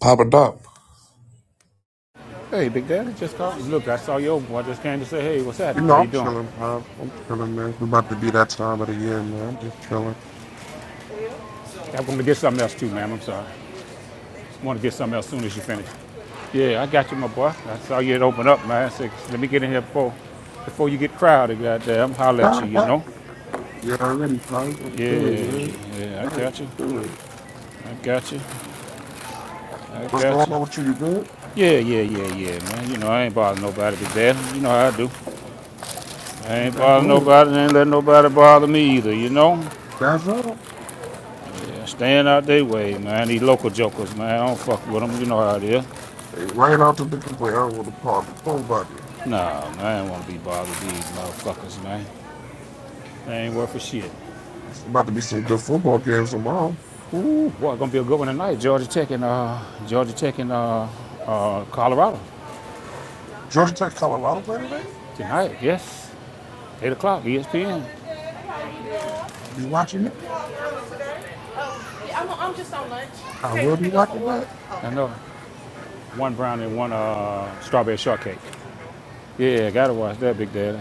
Pop it up. Hey, Big Daddy, just called. Look, I saw you open. I just came to say, hey, what's You happening? How know, you I'm doing? chilling, Pop. I'm chilling, man. It's about to be that time of the year, man. I'm just chilling. I'm going to get something else too, ma'am. I'm sorry. I want to get something else as soon as you finish. Yeah, I got you, my boy. I saw you had opened up, man. I said, let me get in here before before you get crowded, goddamn. Holler at you, you yeah, know? already, Pop. I'm chilling, Yeah, man. yeah, I got I'm you. chilling. I got you. I What's got going you. on with you? You good? Yeah, yeah, yeah, yeah, man. You know, I ain't bothering nobody, Big Daddy. You know how I do. I That- ain't That's bothering all. nobody, I ain't letting nobody bother me either, you know? That's all. Yeah, staying out their way, man. These local jokers, man. I don't fuck with them. You know how it is. Hey, right out the dick play. I don't want to part with nobody. Nah, man, I don't want to be bothered with these motherfuckers, man. They ain't worth a shit. It's about to be some good football games tomorrow. Ooh, boy, gonna be a good one tonight. Georgia Tech and uh, Georgia Tech and uh, uh, Colorado Georgia Tech, Colorado play today. tonight. Yes, eight o'clock, ESPN. I'll be watching it. Yeah, I'm, I'm just on lunch. I Came to will be pick up my watching order. that. Okay. I know. One brownie and one uh, strawberry shortcake. Yeah, gotta watch that, Big Daddy.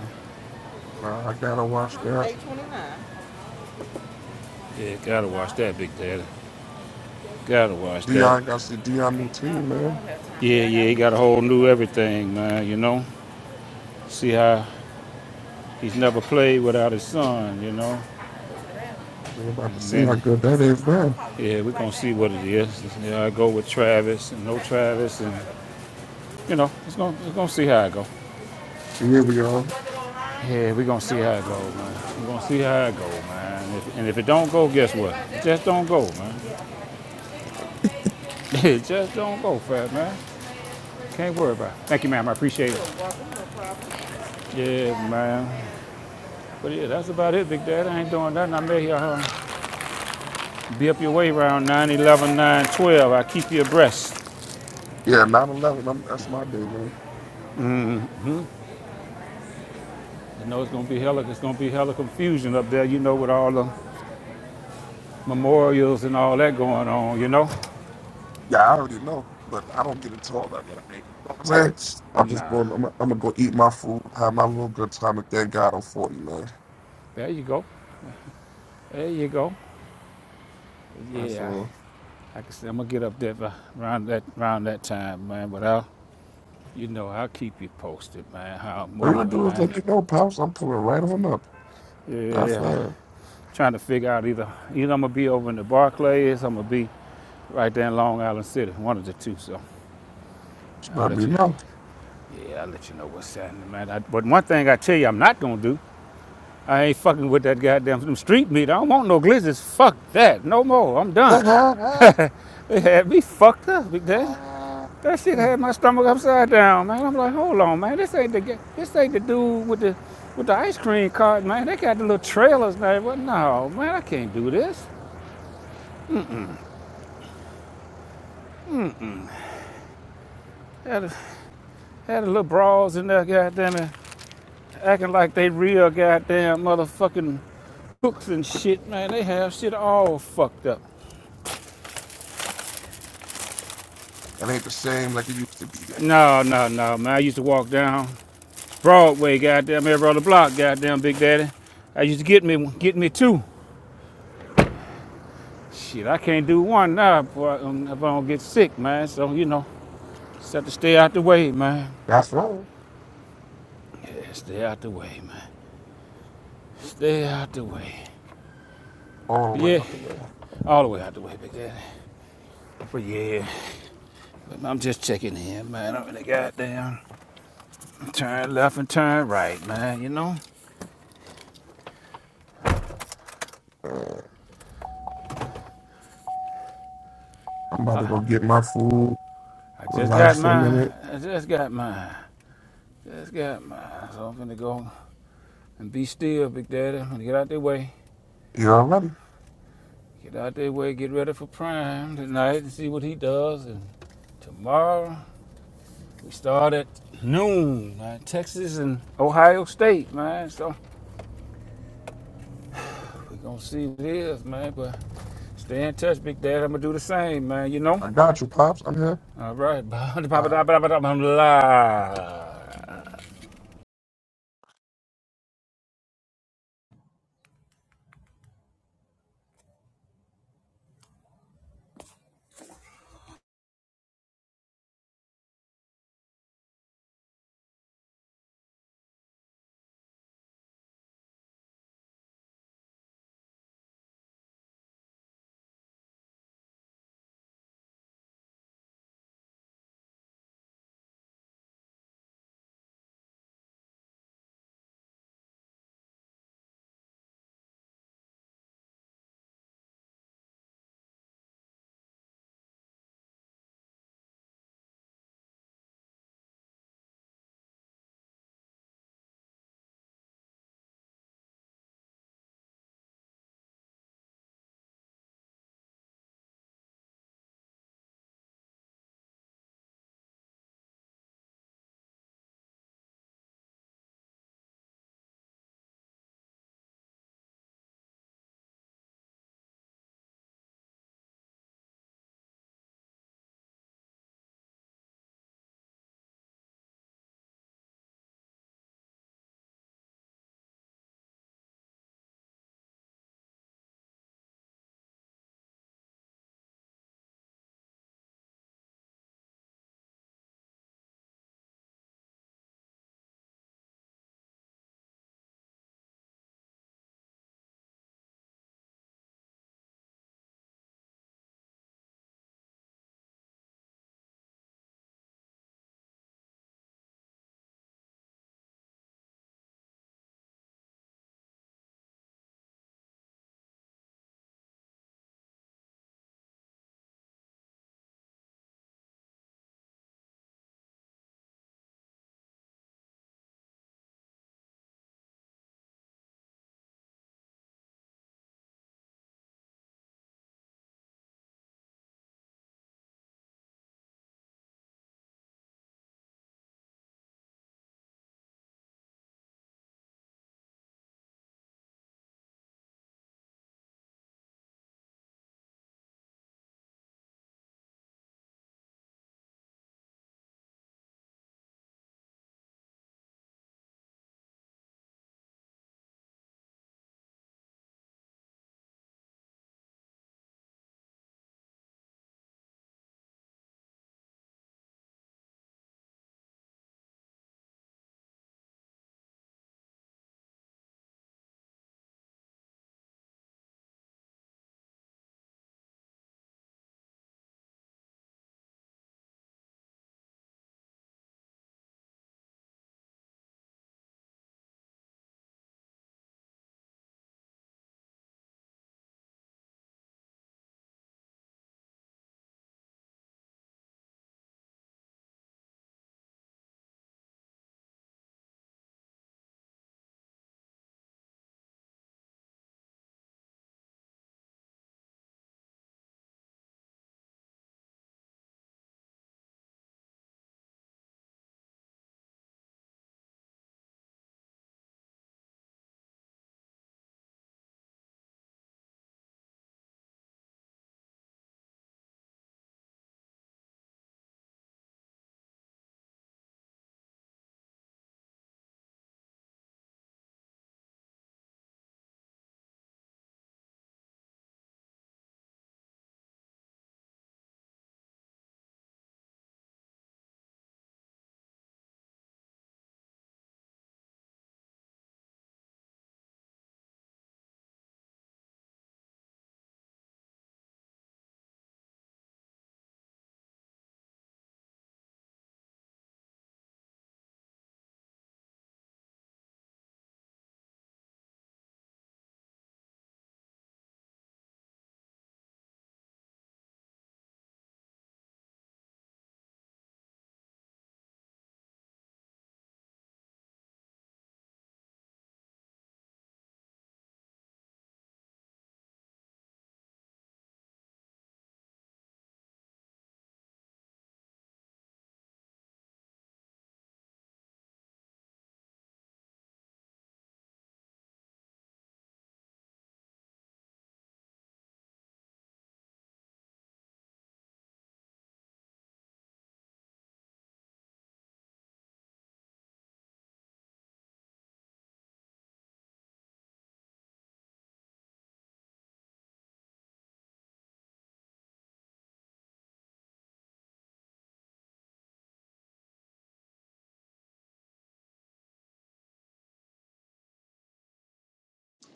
Nah, I gotta watch that. Eight twenty-nine. Yeah, gotta watch that, Big Daddy. Gotta watch that. Dion, Uh, gotta see Dion new Mom, team, I don't man. have time Yeah, yeah, he got a whole new everything, man. You know, see how He's never played without his son, you know. We about to And see how then, good that Listen, is, I'm gonna man. call you. yeah, we're right gonna see what it is. Yeah, I go with Travis and no Travis, and you know, it's gonna it's gonna see how it go. Here we are. Yeah, we're gonna see how it goes, man. We're gonna see how it goes, man. If, and if it don't go, guess what? Just don't go, man. Just don't go, fat man. Can't worry about it. Thank you, ma'am. I appreciate it. Yeah, ma'am. But yeah, that's about it, Big Daddy. I ain't doing nothing. I may uh, be up your way around 9, 11, 9, 12. I keep you abreast. Yeah, 9 11. I'm, that's my day, man. I know it's gonna be hella, it's gonna be hella confusion up there, you know, with all the memorials and all that going on, you know. Yeah, I already know, but I don't get into all that. But I, ain't, you know what I'm saying? I'm just Nah, going, I'm, I'm gonna go eat my food, have my little good time, and thank God I'm 40, man. there you go, there you go. That's Yeah, all. like I said, I'm gonna get up there around that around that time, man. But I'll, you know, I'll keep you posted, man. How I'm All you gonna moving, do is man. let me know, Pops. I'm pulling right on up. That's Yeah, that. I'm trying to figure out either either I'm gonna be over in the Barclays, I'm gonna be right there in Long Island City, one of the two. So Just I'll let let me you, know. yeah, I'll let you know what's happening, man. I, but one thing I tell you, I'm not gonna do I ain't fucking with that goddamn them street meat. I don't want no glizzies. Fuck that. No more. I'm done. They had me fucked up, big daddy. That shit had my stomach upside down, man. I'm like, hold on, man. This ain't the this ain't the dude with the with the ice cream cart, man. They got the little trailers now. What? No, man. I can't do this. Had a, had a little brawls in there, goddamn it, acting like they real goddamn motherfucking cooks and shit, man. They have shit all fucked up. It ain't the same like it used to be, man. No, no, no, man. I used to walk down Broadway, goddamn, every other block, goddamn, Big Daddy. I used to get me, get me two. Shit, I can't do one now, boy, um, if I don't get sick, man. So you know, just have to stay out the way, man. That's all. Yeah, stay out the way, man. Stay out the way. All the But way yeah, out the way. all the way out the way, Big Daddy. But yeah, but I'm just checking in, man. I'm in the goddamn turn left and turn right, man. You know, Uh, I'm about I, to go get my food, I just got relax for a mine. minute. I just got mine. Just got mine. So I'm gonna go and be still, Big Daddy. I'm gonna get out the way. You already? Get out that way, get ready for prime tonight and see what he does. And tomorrow we start at noon, man. Texas and Ohio State, man. So we're gonna see what it is, man. But stay in touch, Big Dad. I'm gonna do the same, man. You know. I got you, Pops. I'm here. All right, All right. Papa.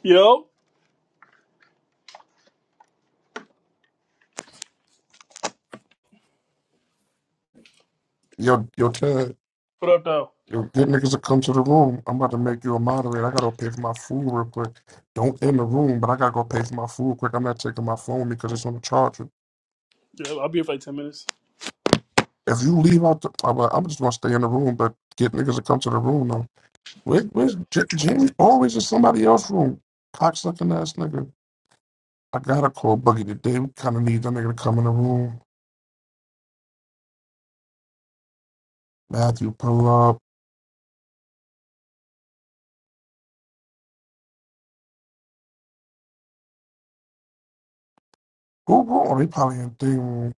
Yo, Yo, yo, Ted, what up, though? yo, get niggas to come to the room. I'm about to make you a moderator. I gotta go pay for my food real quick. Don't end the room, but I gotta go pay for my food quick. I'm not taking my phone because it's on the charger. Yeah, I'll be here for like 10 minutes. If you leave out, the, I'm, uh, I'm just gonna stay in the room, but get niggas to come to the room though. Where, Yeah. where's J- Jamie? Always in somebody else's room. Cocksucking ass nigga. I gotta call Boogie today. We kind of need that nigga to come in the room. Matthew, pull up. Who? who- Oh, they probably in the room.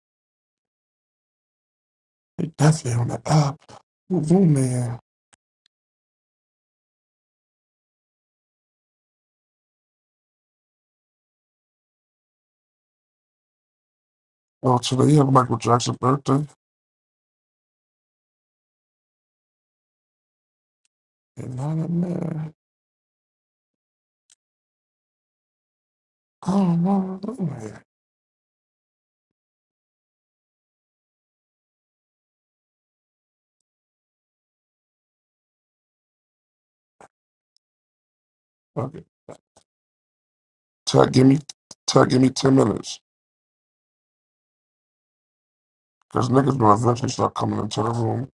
They definitely on the app. Who, who, man? Well, today had Michael Jackson's birthday, and I don't know. I don't know. I don't know. Fuck it. Tech, give me, tech, give me ten minutes, cause niggas gonna eventually start coming into the room.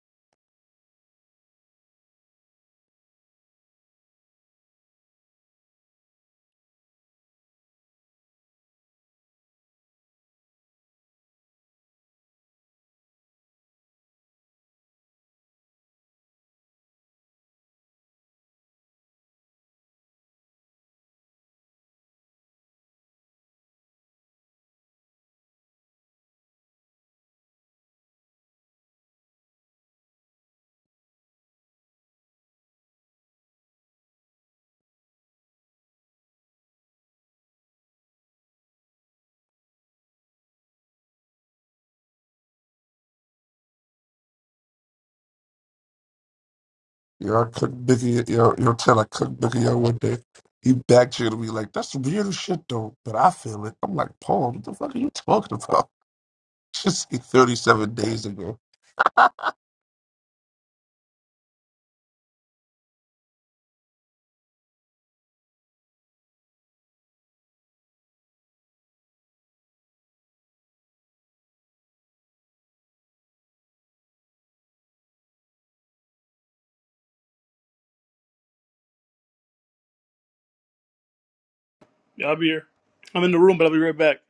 Yeah, I cooked Biggie. Yo, yo, Ted, I cooked Biggie out one day. He backchanneled me like, "That's weird as shit, though." But I feel it. I'm like, Paul, what the fuck are you talking about? Just like 37 days ago. Yeah, I'll be here. I'm in the room, but I'll be right back.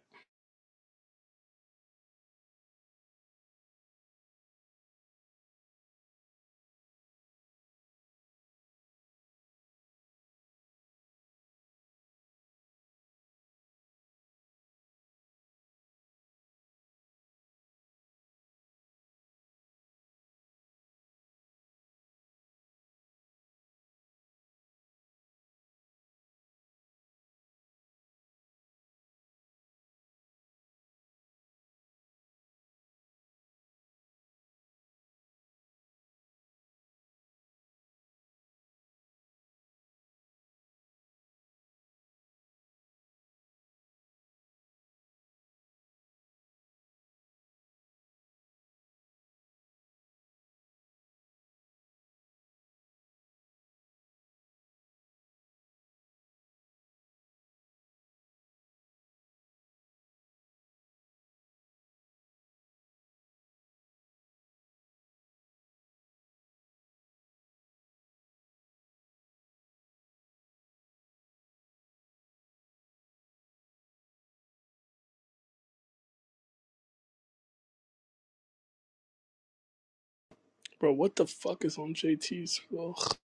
Bro, what the fuck is on JT's? Ugh.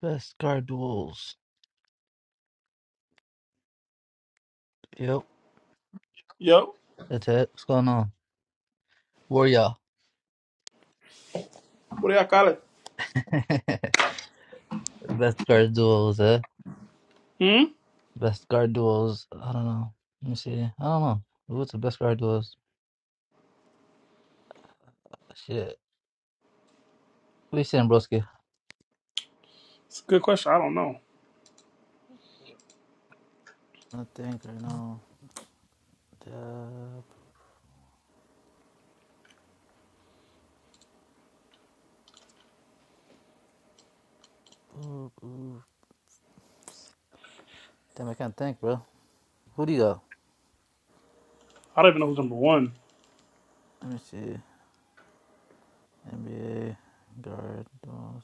Best card duels. Yep, Yo, that's it. What's going on? Warrior. What do y'all call it? Best card duels, eh? hmm? Best card duels. I don't know. Let me see. I don't know. What's the best card duels? Shit. We saying, broski? It's a good question. I don't know. I think right now. Uh, ooh, ooh. Damn, I can't think, bro. Who do you got? I don't even know who's number one. Let me see. NBA guard duels.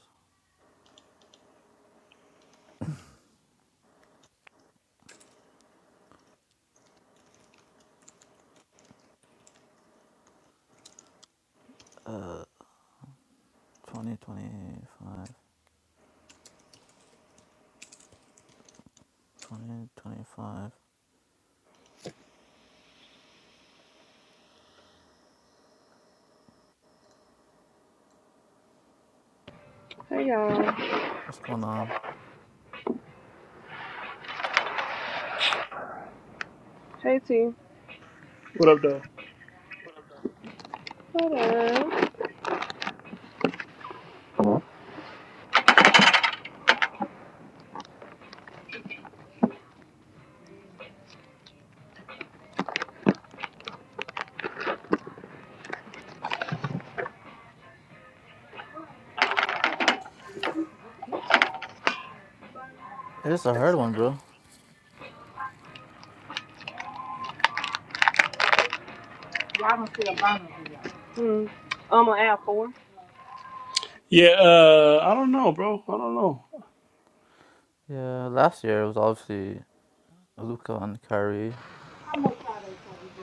Uh, 2025. 2025. Hey y'all. What's going on? Hey T. What up, though? What up? It's a hard one, bro. Hmm. Um, on aisle four. Yeah, uh, I don't know, bro. I don't know. Yeah, last year it was obviously Luca and Kyrie.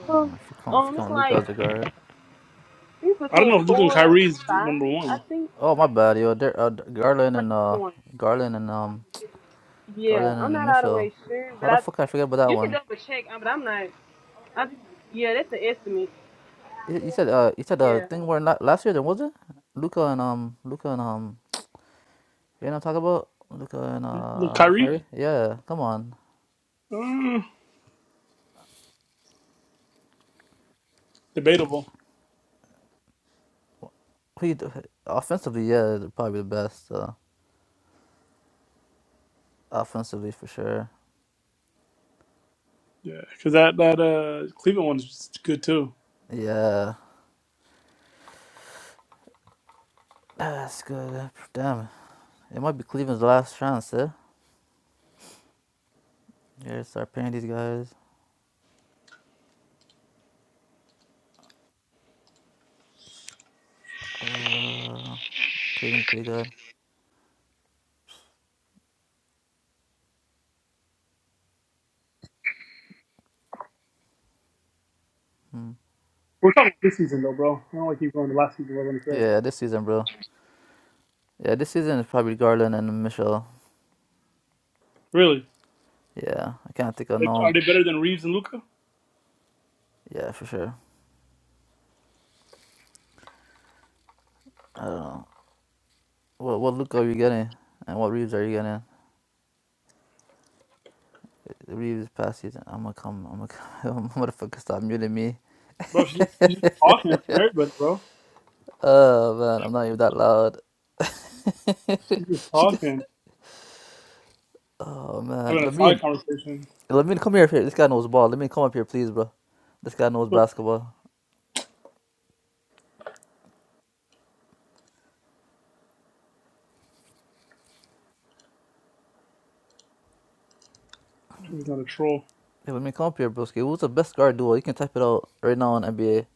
Huh. Um, if you count if you Um, it's count Luca like as a guard. it's I don't between know if Luke and four and Kyrie's number five, I one. think, Oh my bad, yo, there, uh, Garland for and each uh one. Garland and um Yeah, I'm Garland and not all the Mitchell. way sure, but How the I fuck I forget about that you can one? double check, uh, but I'm not. I yeah, that's an estimate. You, you said uh you said uh Yeah. thing where not last year there was it? Luca and um Luca and um you know what I'm talking about? Luca and Look, uh Kyrie? Kyrie? Yeah, come on. Uh, debatable. Who you d offensively, yeah, they're probably the best. Uh, offensively for sure. Yeah, because that, that uh, Cleveland one's just good, too. Yeah. That's good. Damn. It might be Cleveland's last chance, eh? Yeah, start paying these guys. Uh, Cleveland's pretty good. Hmm. We're talking this season, though, bro. I don't like keep going to last season, what I'm going to say. Yeah, this season, bro. Yeah, this season is probably Garland and Mitchell. Really? Yeah, I can't think of They, are no. they better than Reeves and Luca? Yeah, for sure. I don't know. What what look are you getting? And what Reeves are you getting? Reeves past season. I'm gonna come. I'm gonna come. Motherfucker, stop muting me. Bro, she's just, she's just talking in front of everybody, bro. Oh man, I'm not even that loud. She's just she got. talking, Oh man, having a side Lamine. conversation. Let me come here, here. This guy knows ball. Let me come up here, please, bro. This guy knows Look, basketball. she's not a troll. Hey, let me come up here, broski. Who's the best guard duo? You can type it out right now on NBA.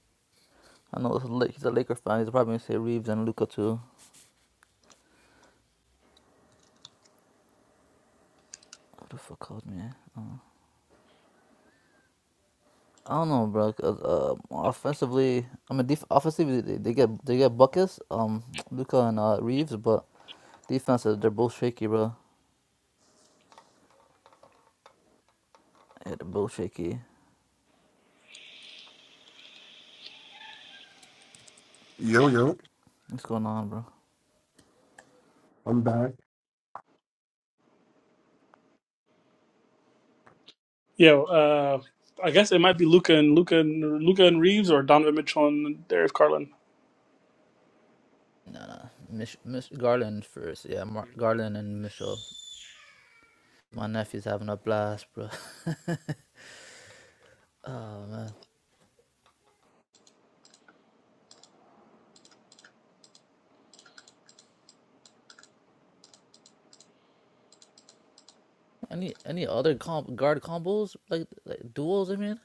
I know it's he's a Laker fan. He's probably gonna say Reeves and Luca too. Who the fuck called me? I don't know, bro. 'cause, uh, offensively, I mean, def- offensively they, they get they get buckets. Um, Luca and uh, Reeves, but defense uh, they're both shaky, bro. Yeah, they're both shaky. Yo, yo, What's going on, bro? I'm back. Yo, uh, I guess it might be Luca and Luca and Luca and Reeves or Donovan Mitchell and Darius Carlin. Nah, nah. Mich- Mich- Garland first. Yeah, Mar- Garland and Mitchell. My nephew's having a blast, bro. Oh man, any any other comp guard combos like like duels? I mean,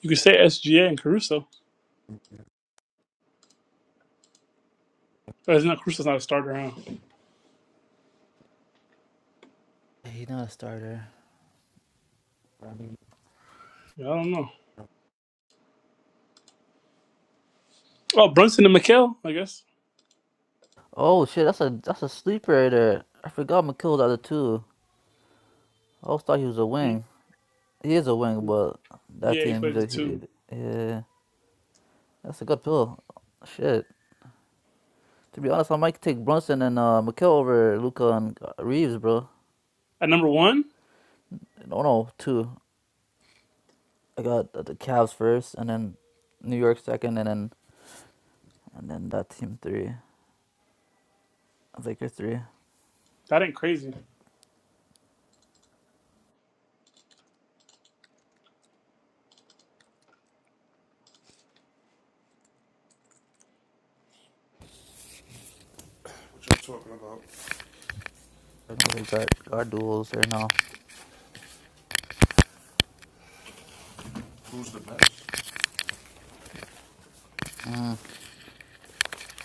You could say SGA and Caruso. Oh, it's not Caruso's not a starter, huh? Yeah, he's not a starter. I've been Yeah, I don't know. Oh, Brunson and Mikhail, I guess. Oh shit, that's a that's a sleeper right there. I forgot McKill's out of two. I always thought he was a Mm, wing. He is a wing, but that Yeah, he team he's plays the a he, he, two. yeah. That's a good pill. Shit. To be honest, I might take Brunson and uh, McKill over Luca and uh, Reeves, bro. At number one, No, no, two. I got the Cavs first, and then New York second, and then and then that team three. Lakers three. that ain't crazy. talking about Talking about the guard, guard duels right now. Mm,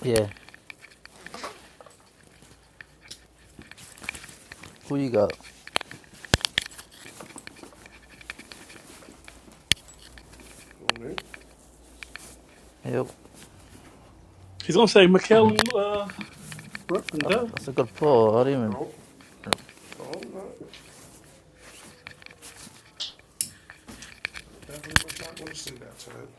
yeah. Who you got? it. Yep. He's gonna say Mikhail and uh, Brunson, That's, duh. that's a good I pull. I know I didn't don't. even. No, I'm not. Definitely not gonna say that, Ted.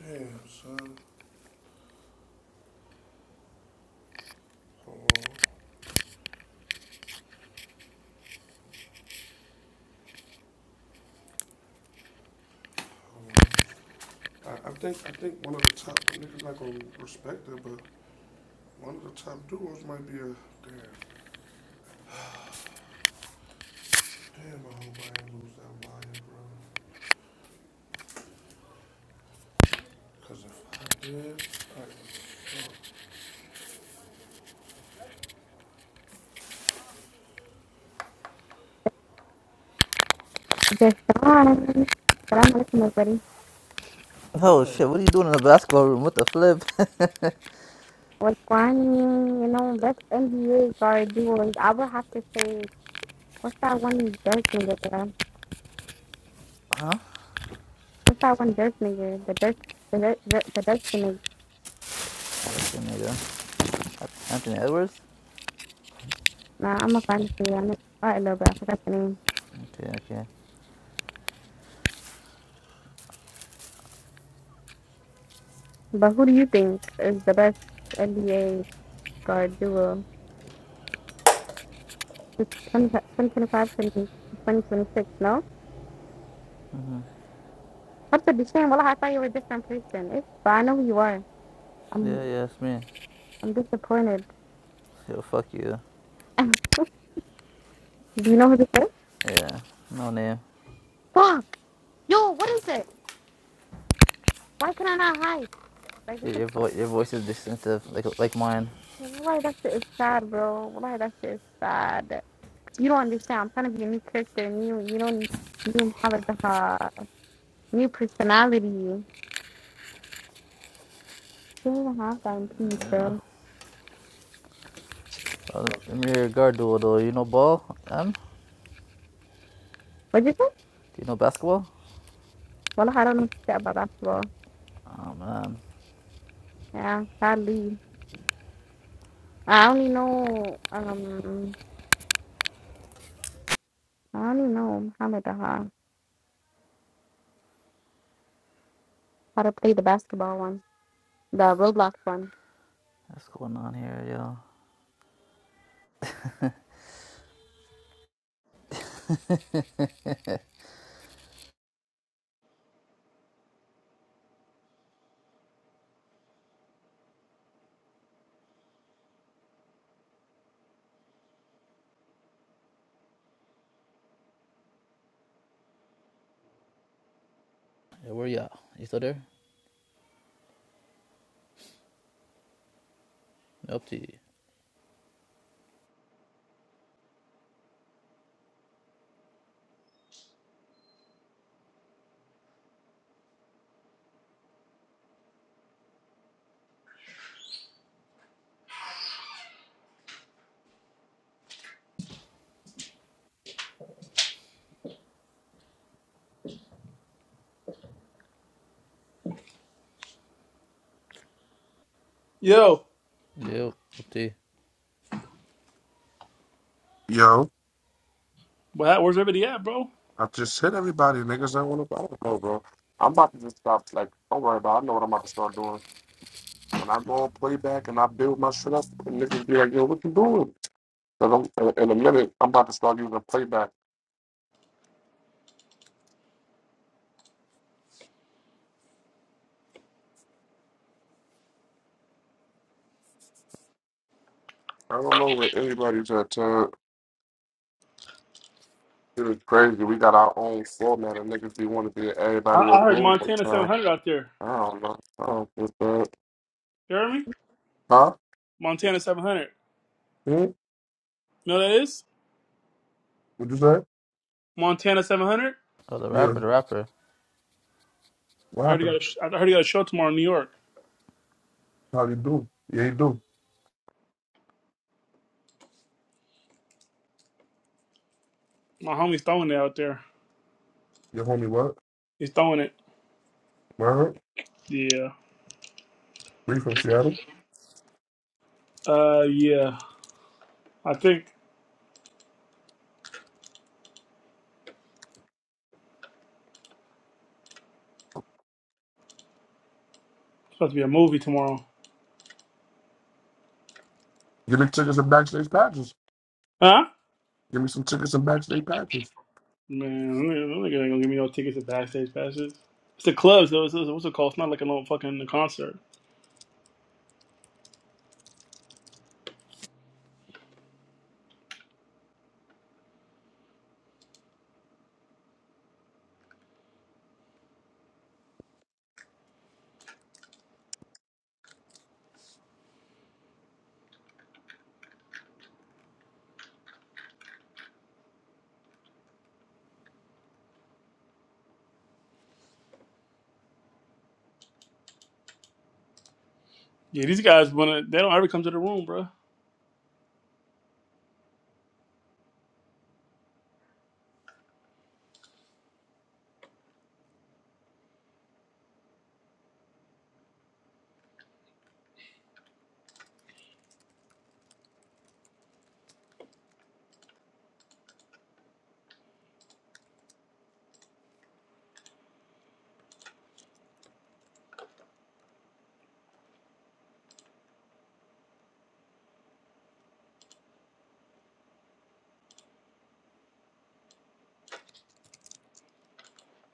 Damn, son. Hold on. I, I think I think one of the top niggas not gonna respect it, but one of the top duos might be a damn. Damn, I hope I ain't lose that lion, bro. Cause if I did, like, Best Deshaun, salam alaikum everybody. who Oh that? shit! What are you doing in the basketball room? What the flip? What's going on? You know, best NBA guard duos. I would have to say, what's that one Dirk nigga, bro? Huh? What's that one Dirk nigga? The Dirk, the Dirk, the the Dirk nigga. Dark skin nigga. At- Anthony Edwards. Nah, I'm a fan of it you. I'm sorry, a little bit. I forgot the name. Okay. Okay. But who do you think is the best NBA guard duo? It's 2025 to 2026, no? Mhm. What's the shame? Well, I thought you were a different person. It's, but I know who you are. I'm, Yeah. Yeah. It's me. I'm disappointed. Yo, fuck you. do you know who this is? Yeah. No name. Fuck! Yo, what is it? Why can I not hide? Like, what Your the f- your, vo- your voice is distinctive, like like mine. Why that shit is sad, bro. Why that shit is sad. You don't understand. I'm trying to be a new character, new, you don't, new, motherfucker, new personality. You don't even have that in peace, Yeah. bro. Well, I'm your guard duel though. You know ball? M? Do What'd you say? you know basketball? Well, I don't know shit about basketball. Oh man. Yeah, sadly. I only know, um, I only know how Muhammad Daha, how to play the basketball one, the Roblox one. What's going on here, yo? Yeah, where you at? You still there? Nope. Yo, Yep, up to you. Yo, where- where's everybody at, bro? I just hit everybody, niggas. I want to. I don't know, bro. I'm about to just stop. Like, don't worry about. it. I know what I'm about to start doing. When I go on playback and I build my shit up, and niggas be like, "Yo, what you doing?" Cause I'm, in in a minute, I'm about to start using playback. I don't know where anybody's at. Uh, It was crazy. We got our own format of niggas. We want to be in I, everybody I else's heard room all Montana the time. 700 out there. I don't know. I don't feel bad. You heard me? Huh? Montana 700. You Hmm? know what that is? What you say? Montana 700. Oh, the Yeah. rapper, the rapper. What I heard he got happened? a sh- I heard he got a show tomorrow in New York. How you do? Yeah, you do. My homie's throwing it out there. Your homie what? He's throwing it. Where? Yeah. We from Seattle. Uh, yeah. I think it's supposed to be a movie tomorrow. Give me tickets and backstage patches. Huh? Give me some tickets and backstage patches. Man, I'm not gonna give me no tickets to backstage passes. It's the clubs though. it's, it's- what's it called? It's not like a little fucking concert. Yeah, these guys wanna. They don't ever come to the room, bro.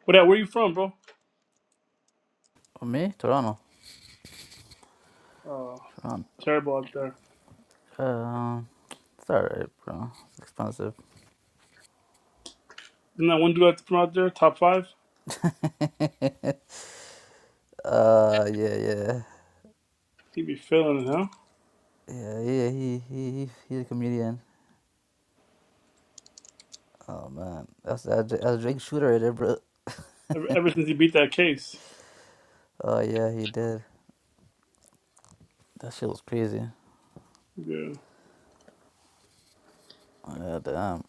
What? At? Where you from, bro? Oh, me? Toronto. Oh, Toronto. terrible out there. Um, uh, it's alright, bro. It's expensive. Isn't that one dude out- from out there? Top five. Uh, yeah, yeah. He be feeling it, huh? Yeah, yeah, he, he, he, he's a comedian. Oh, man. That's, that's, that's a Drake Shooter right there, bro. Ever, ever since he beat that case. Oh, yeah, he did. That shit was crazy. Yeah. Oh, yeah, damn.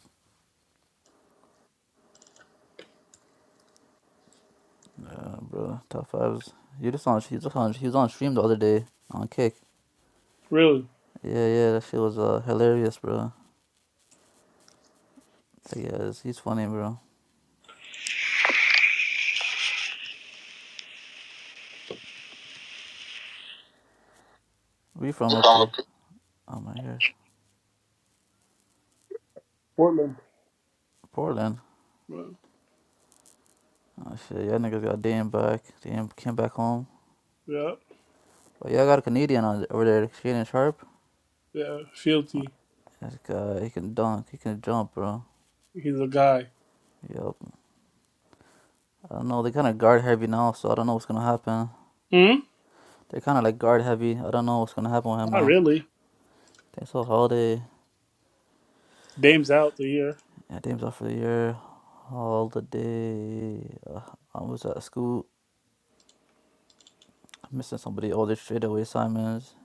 Yeah, bro. Top fives. You just on, he just on, he was on stream the other day on Kick. Really? Yeah, yeah, that shit was uh, hilarious, bro. That guy is, he's funny, bro. Where you from up to? Oh, my ears. Portland. Portland. Well, Oh shit, y'all niggas got Dan back. Dan came back home. yeah. But y'all got a Canadian on over there, Shannon Sharp. Yeah. Fielty. This guy, he can dunk, he can jump, bro. He's a guy. Yep. I don't know. They kind of guard heavy now, so I don't know what's gonna happen. Hmm? They're kind of like guard heavy. I don't know what's gonna happen with him Not now. really. They saw Holiday. Dame's out the year. Yeah, Dame's off for the year. Holiday. Uh, I was at school. I'm missing somebody. Oh, they straight away Simons.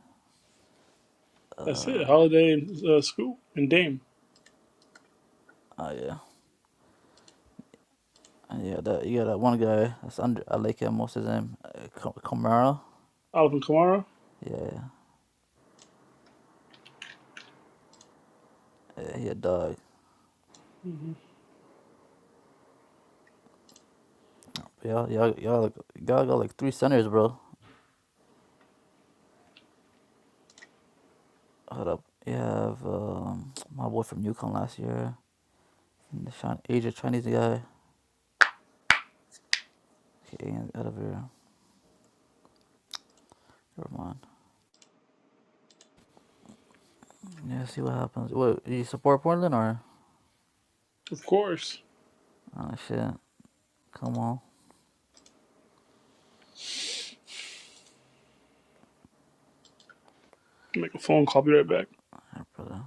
That's it. Uh, Holiday and uh, school and Dame. oh yeah. And yeah, that you got that one guy. That's under. I like him. What's his name? Uh, Kamara. Oliver Kamara. Yeah, yeah, he a dog. hmm Y'all, y'all, y'all, y'all got like three centers, bro. Hold up. You have um, my boy from Yukon last year, and the Chin- Asia Chinese guy. Okay, out of here. Never mind. Yeah, see what happens. Wait, you support Portland or? Of course. Oh shit! Come on, Make a phone call. Be right back. Alright, brother.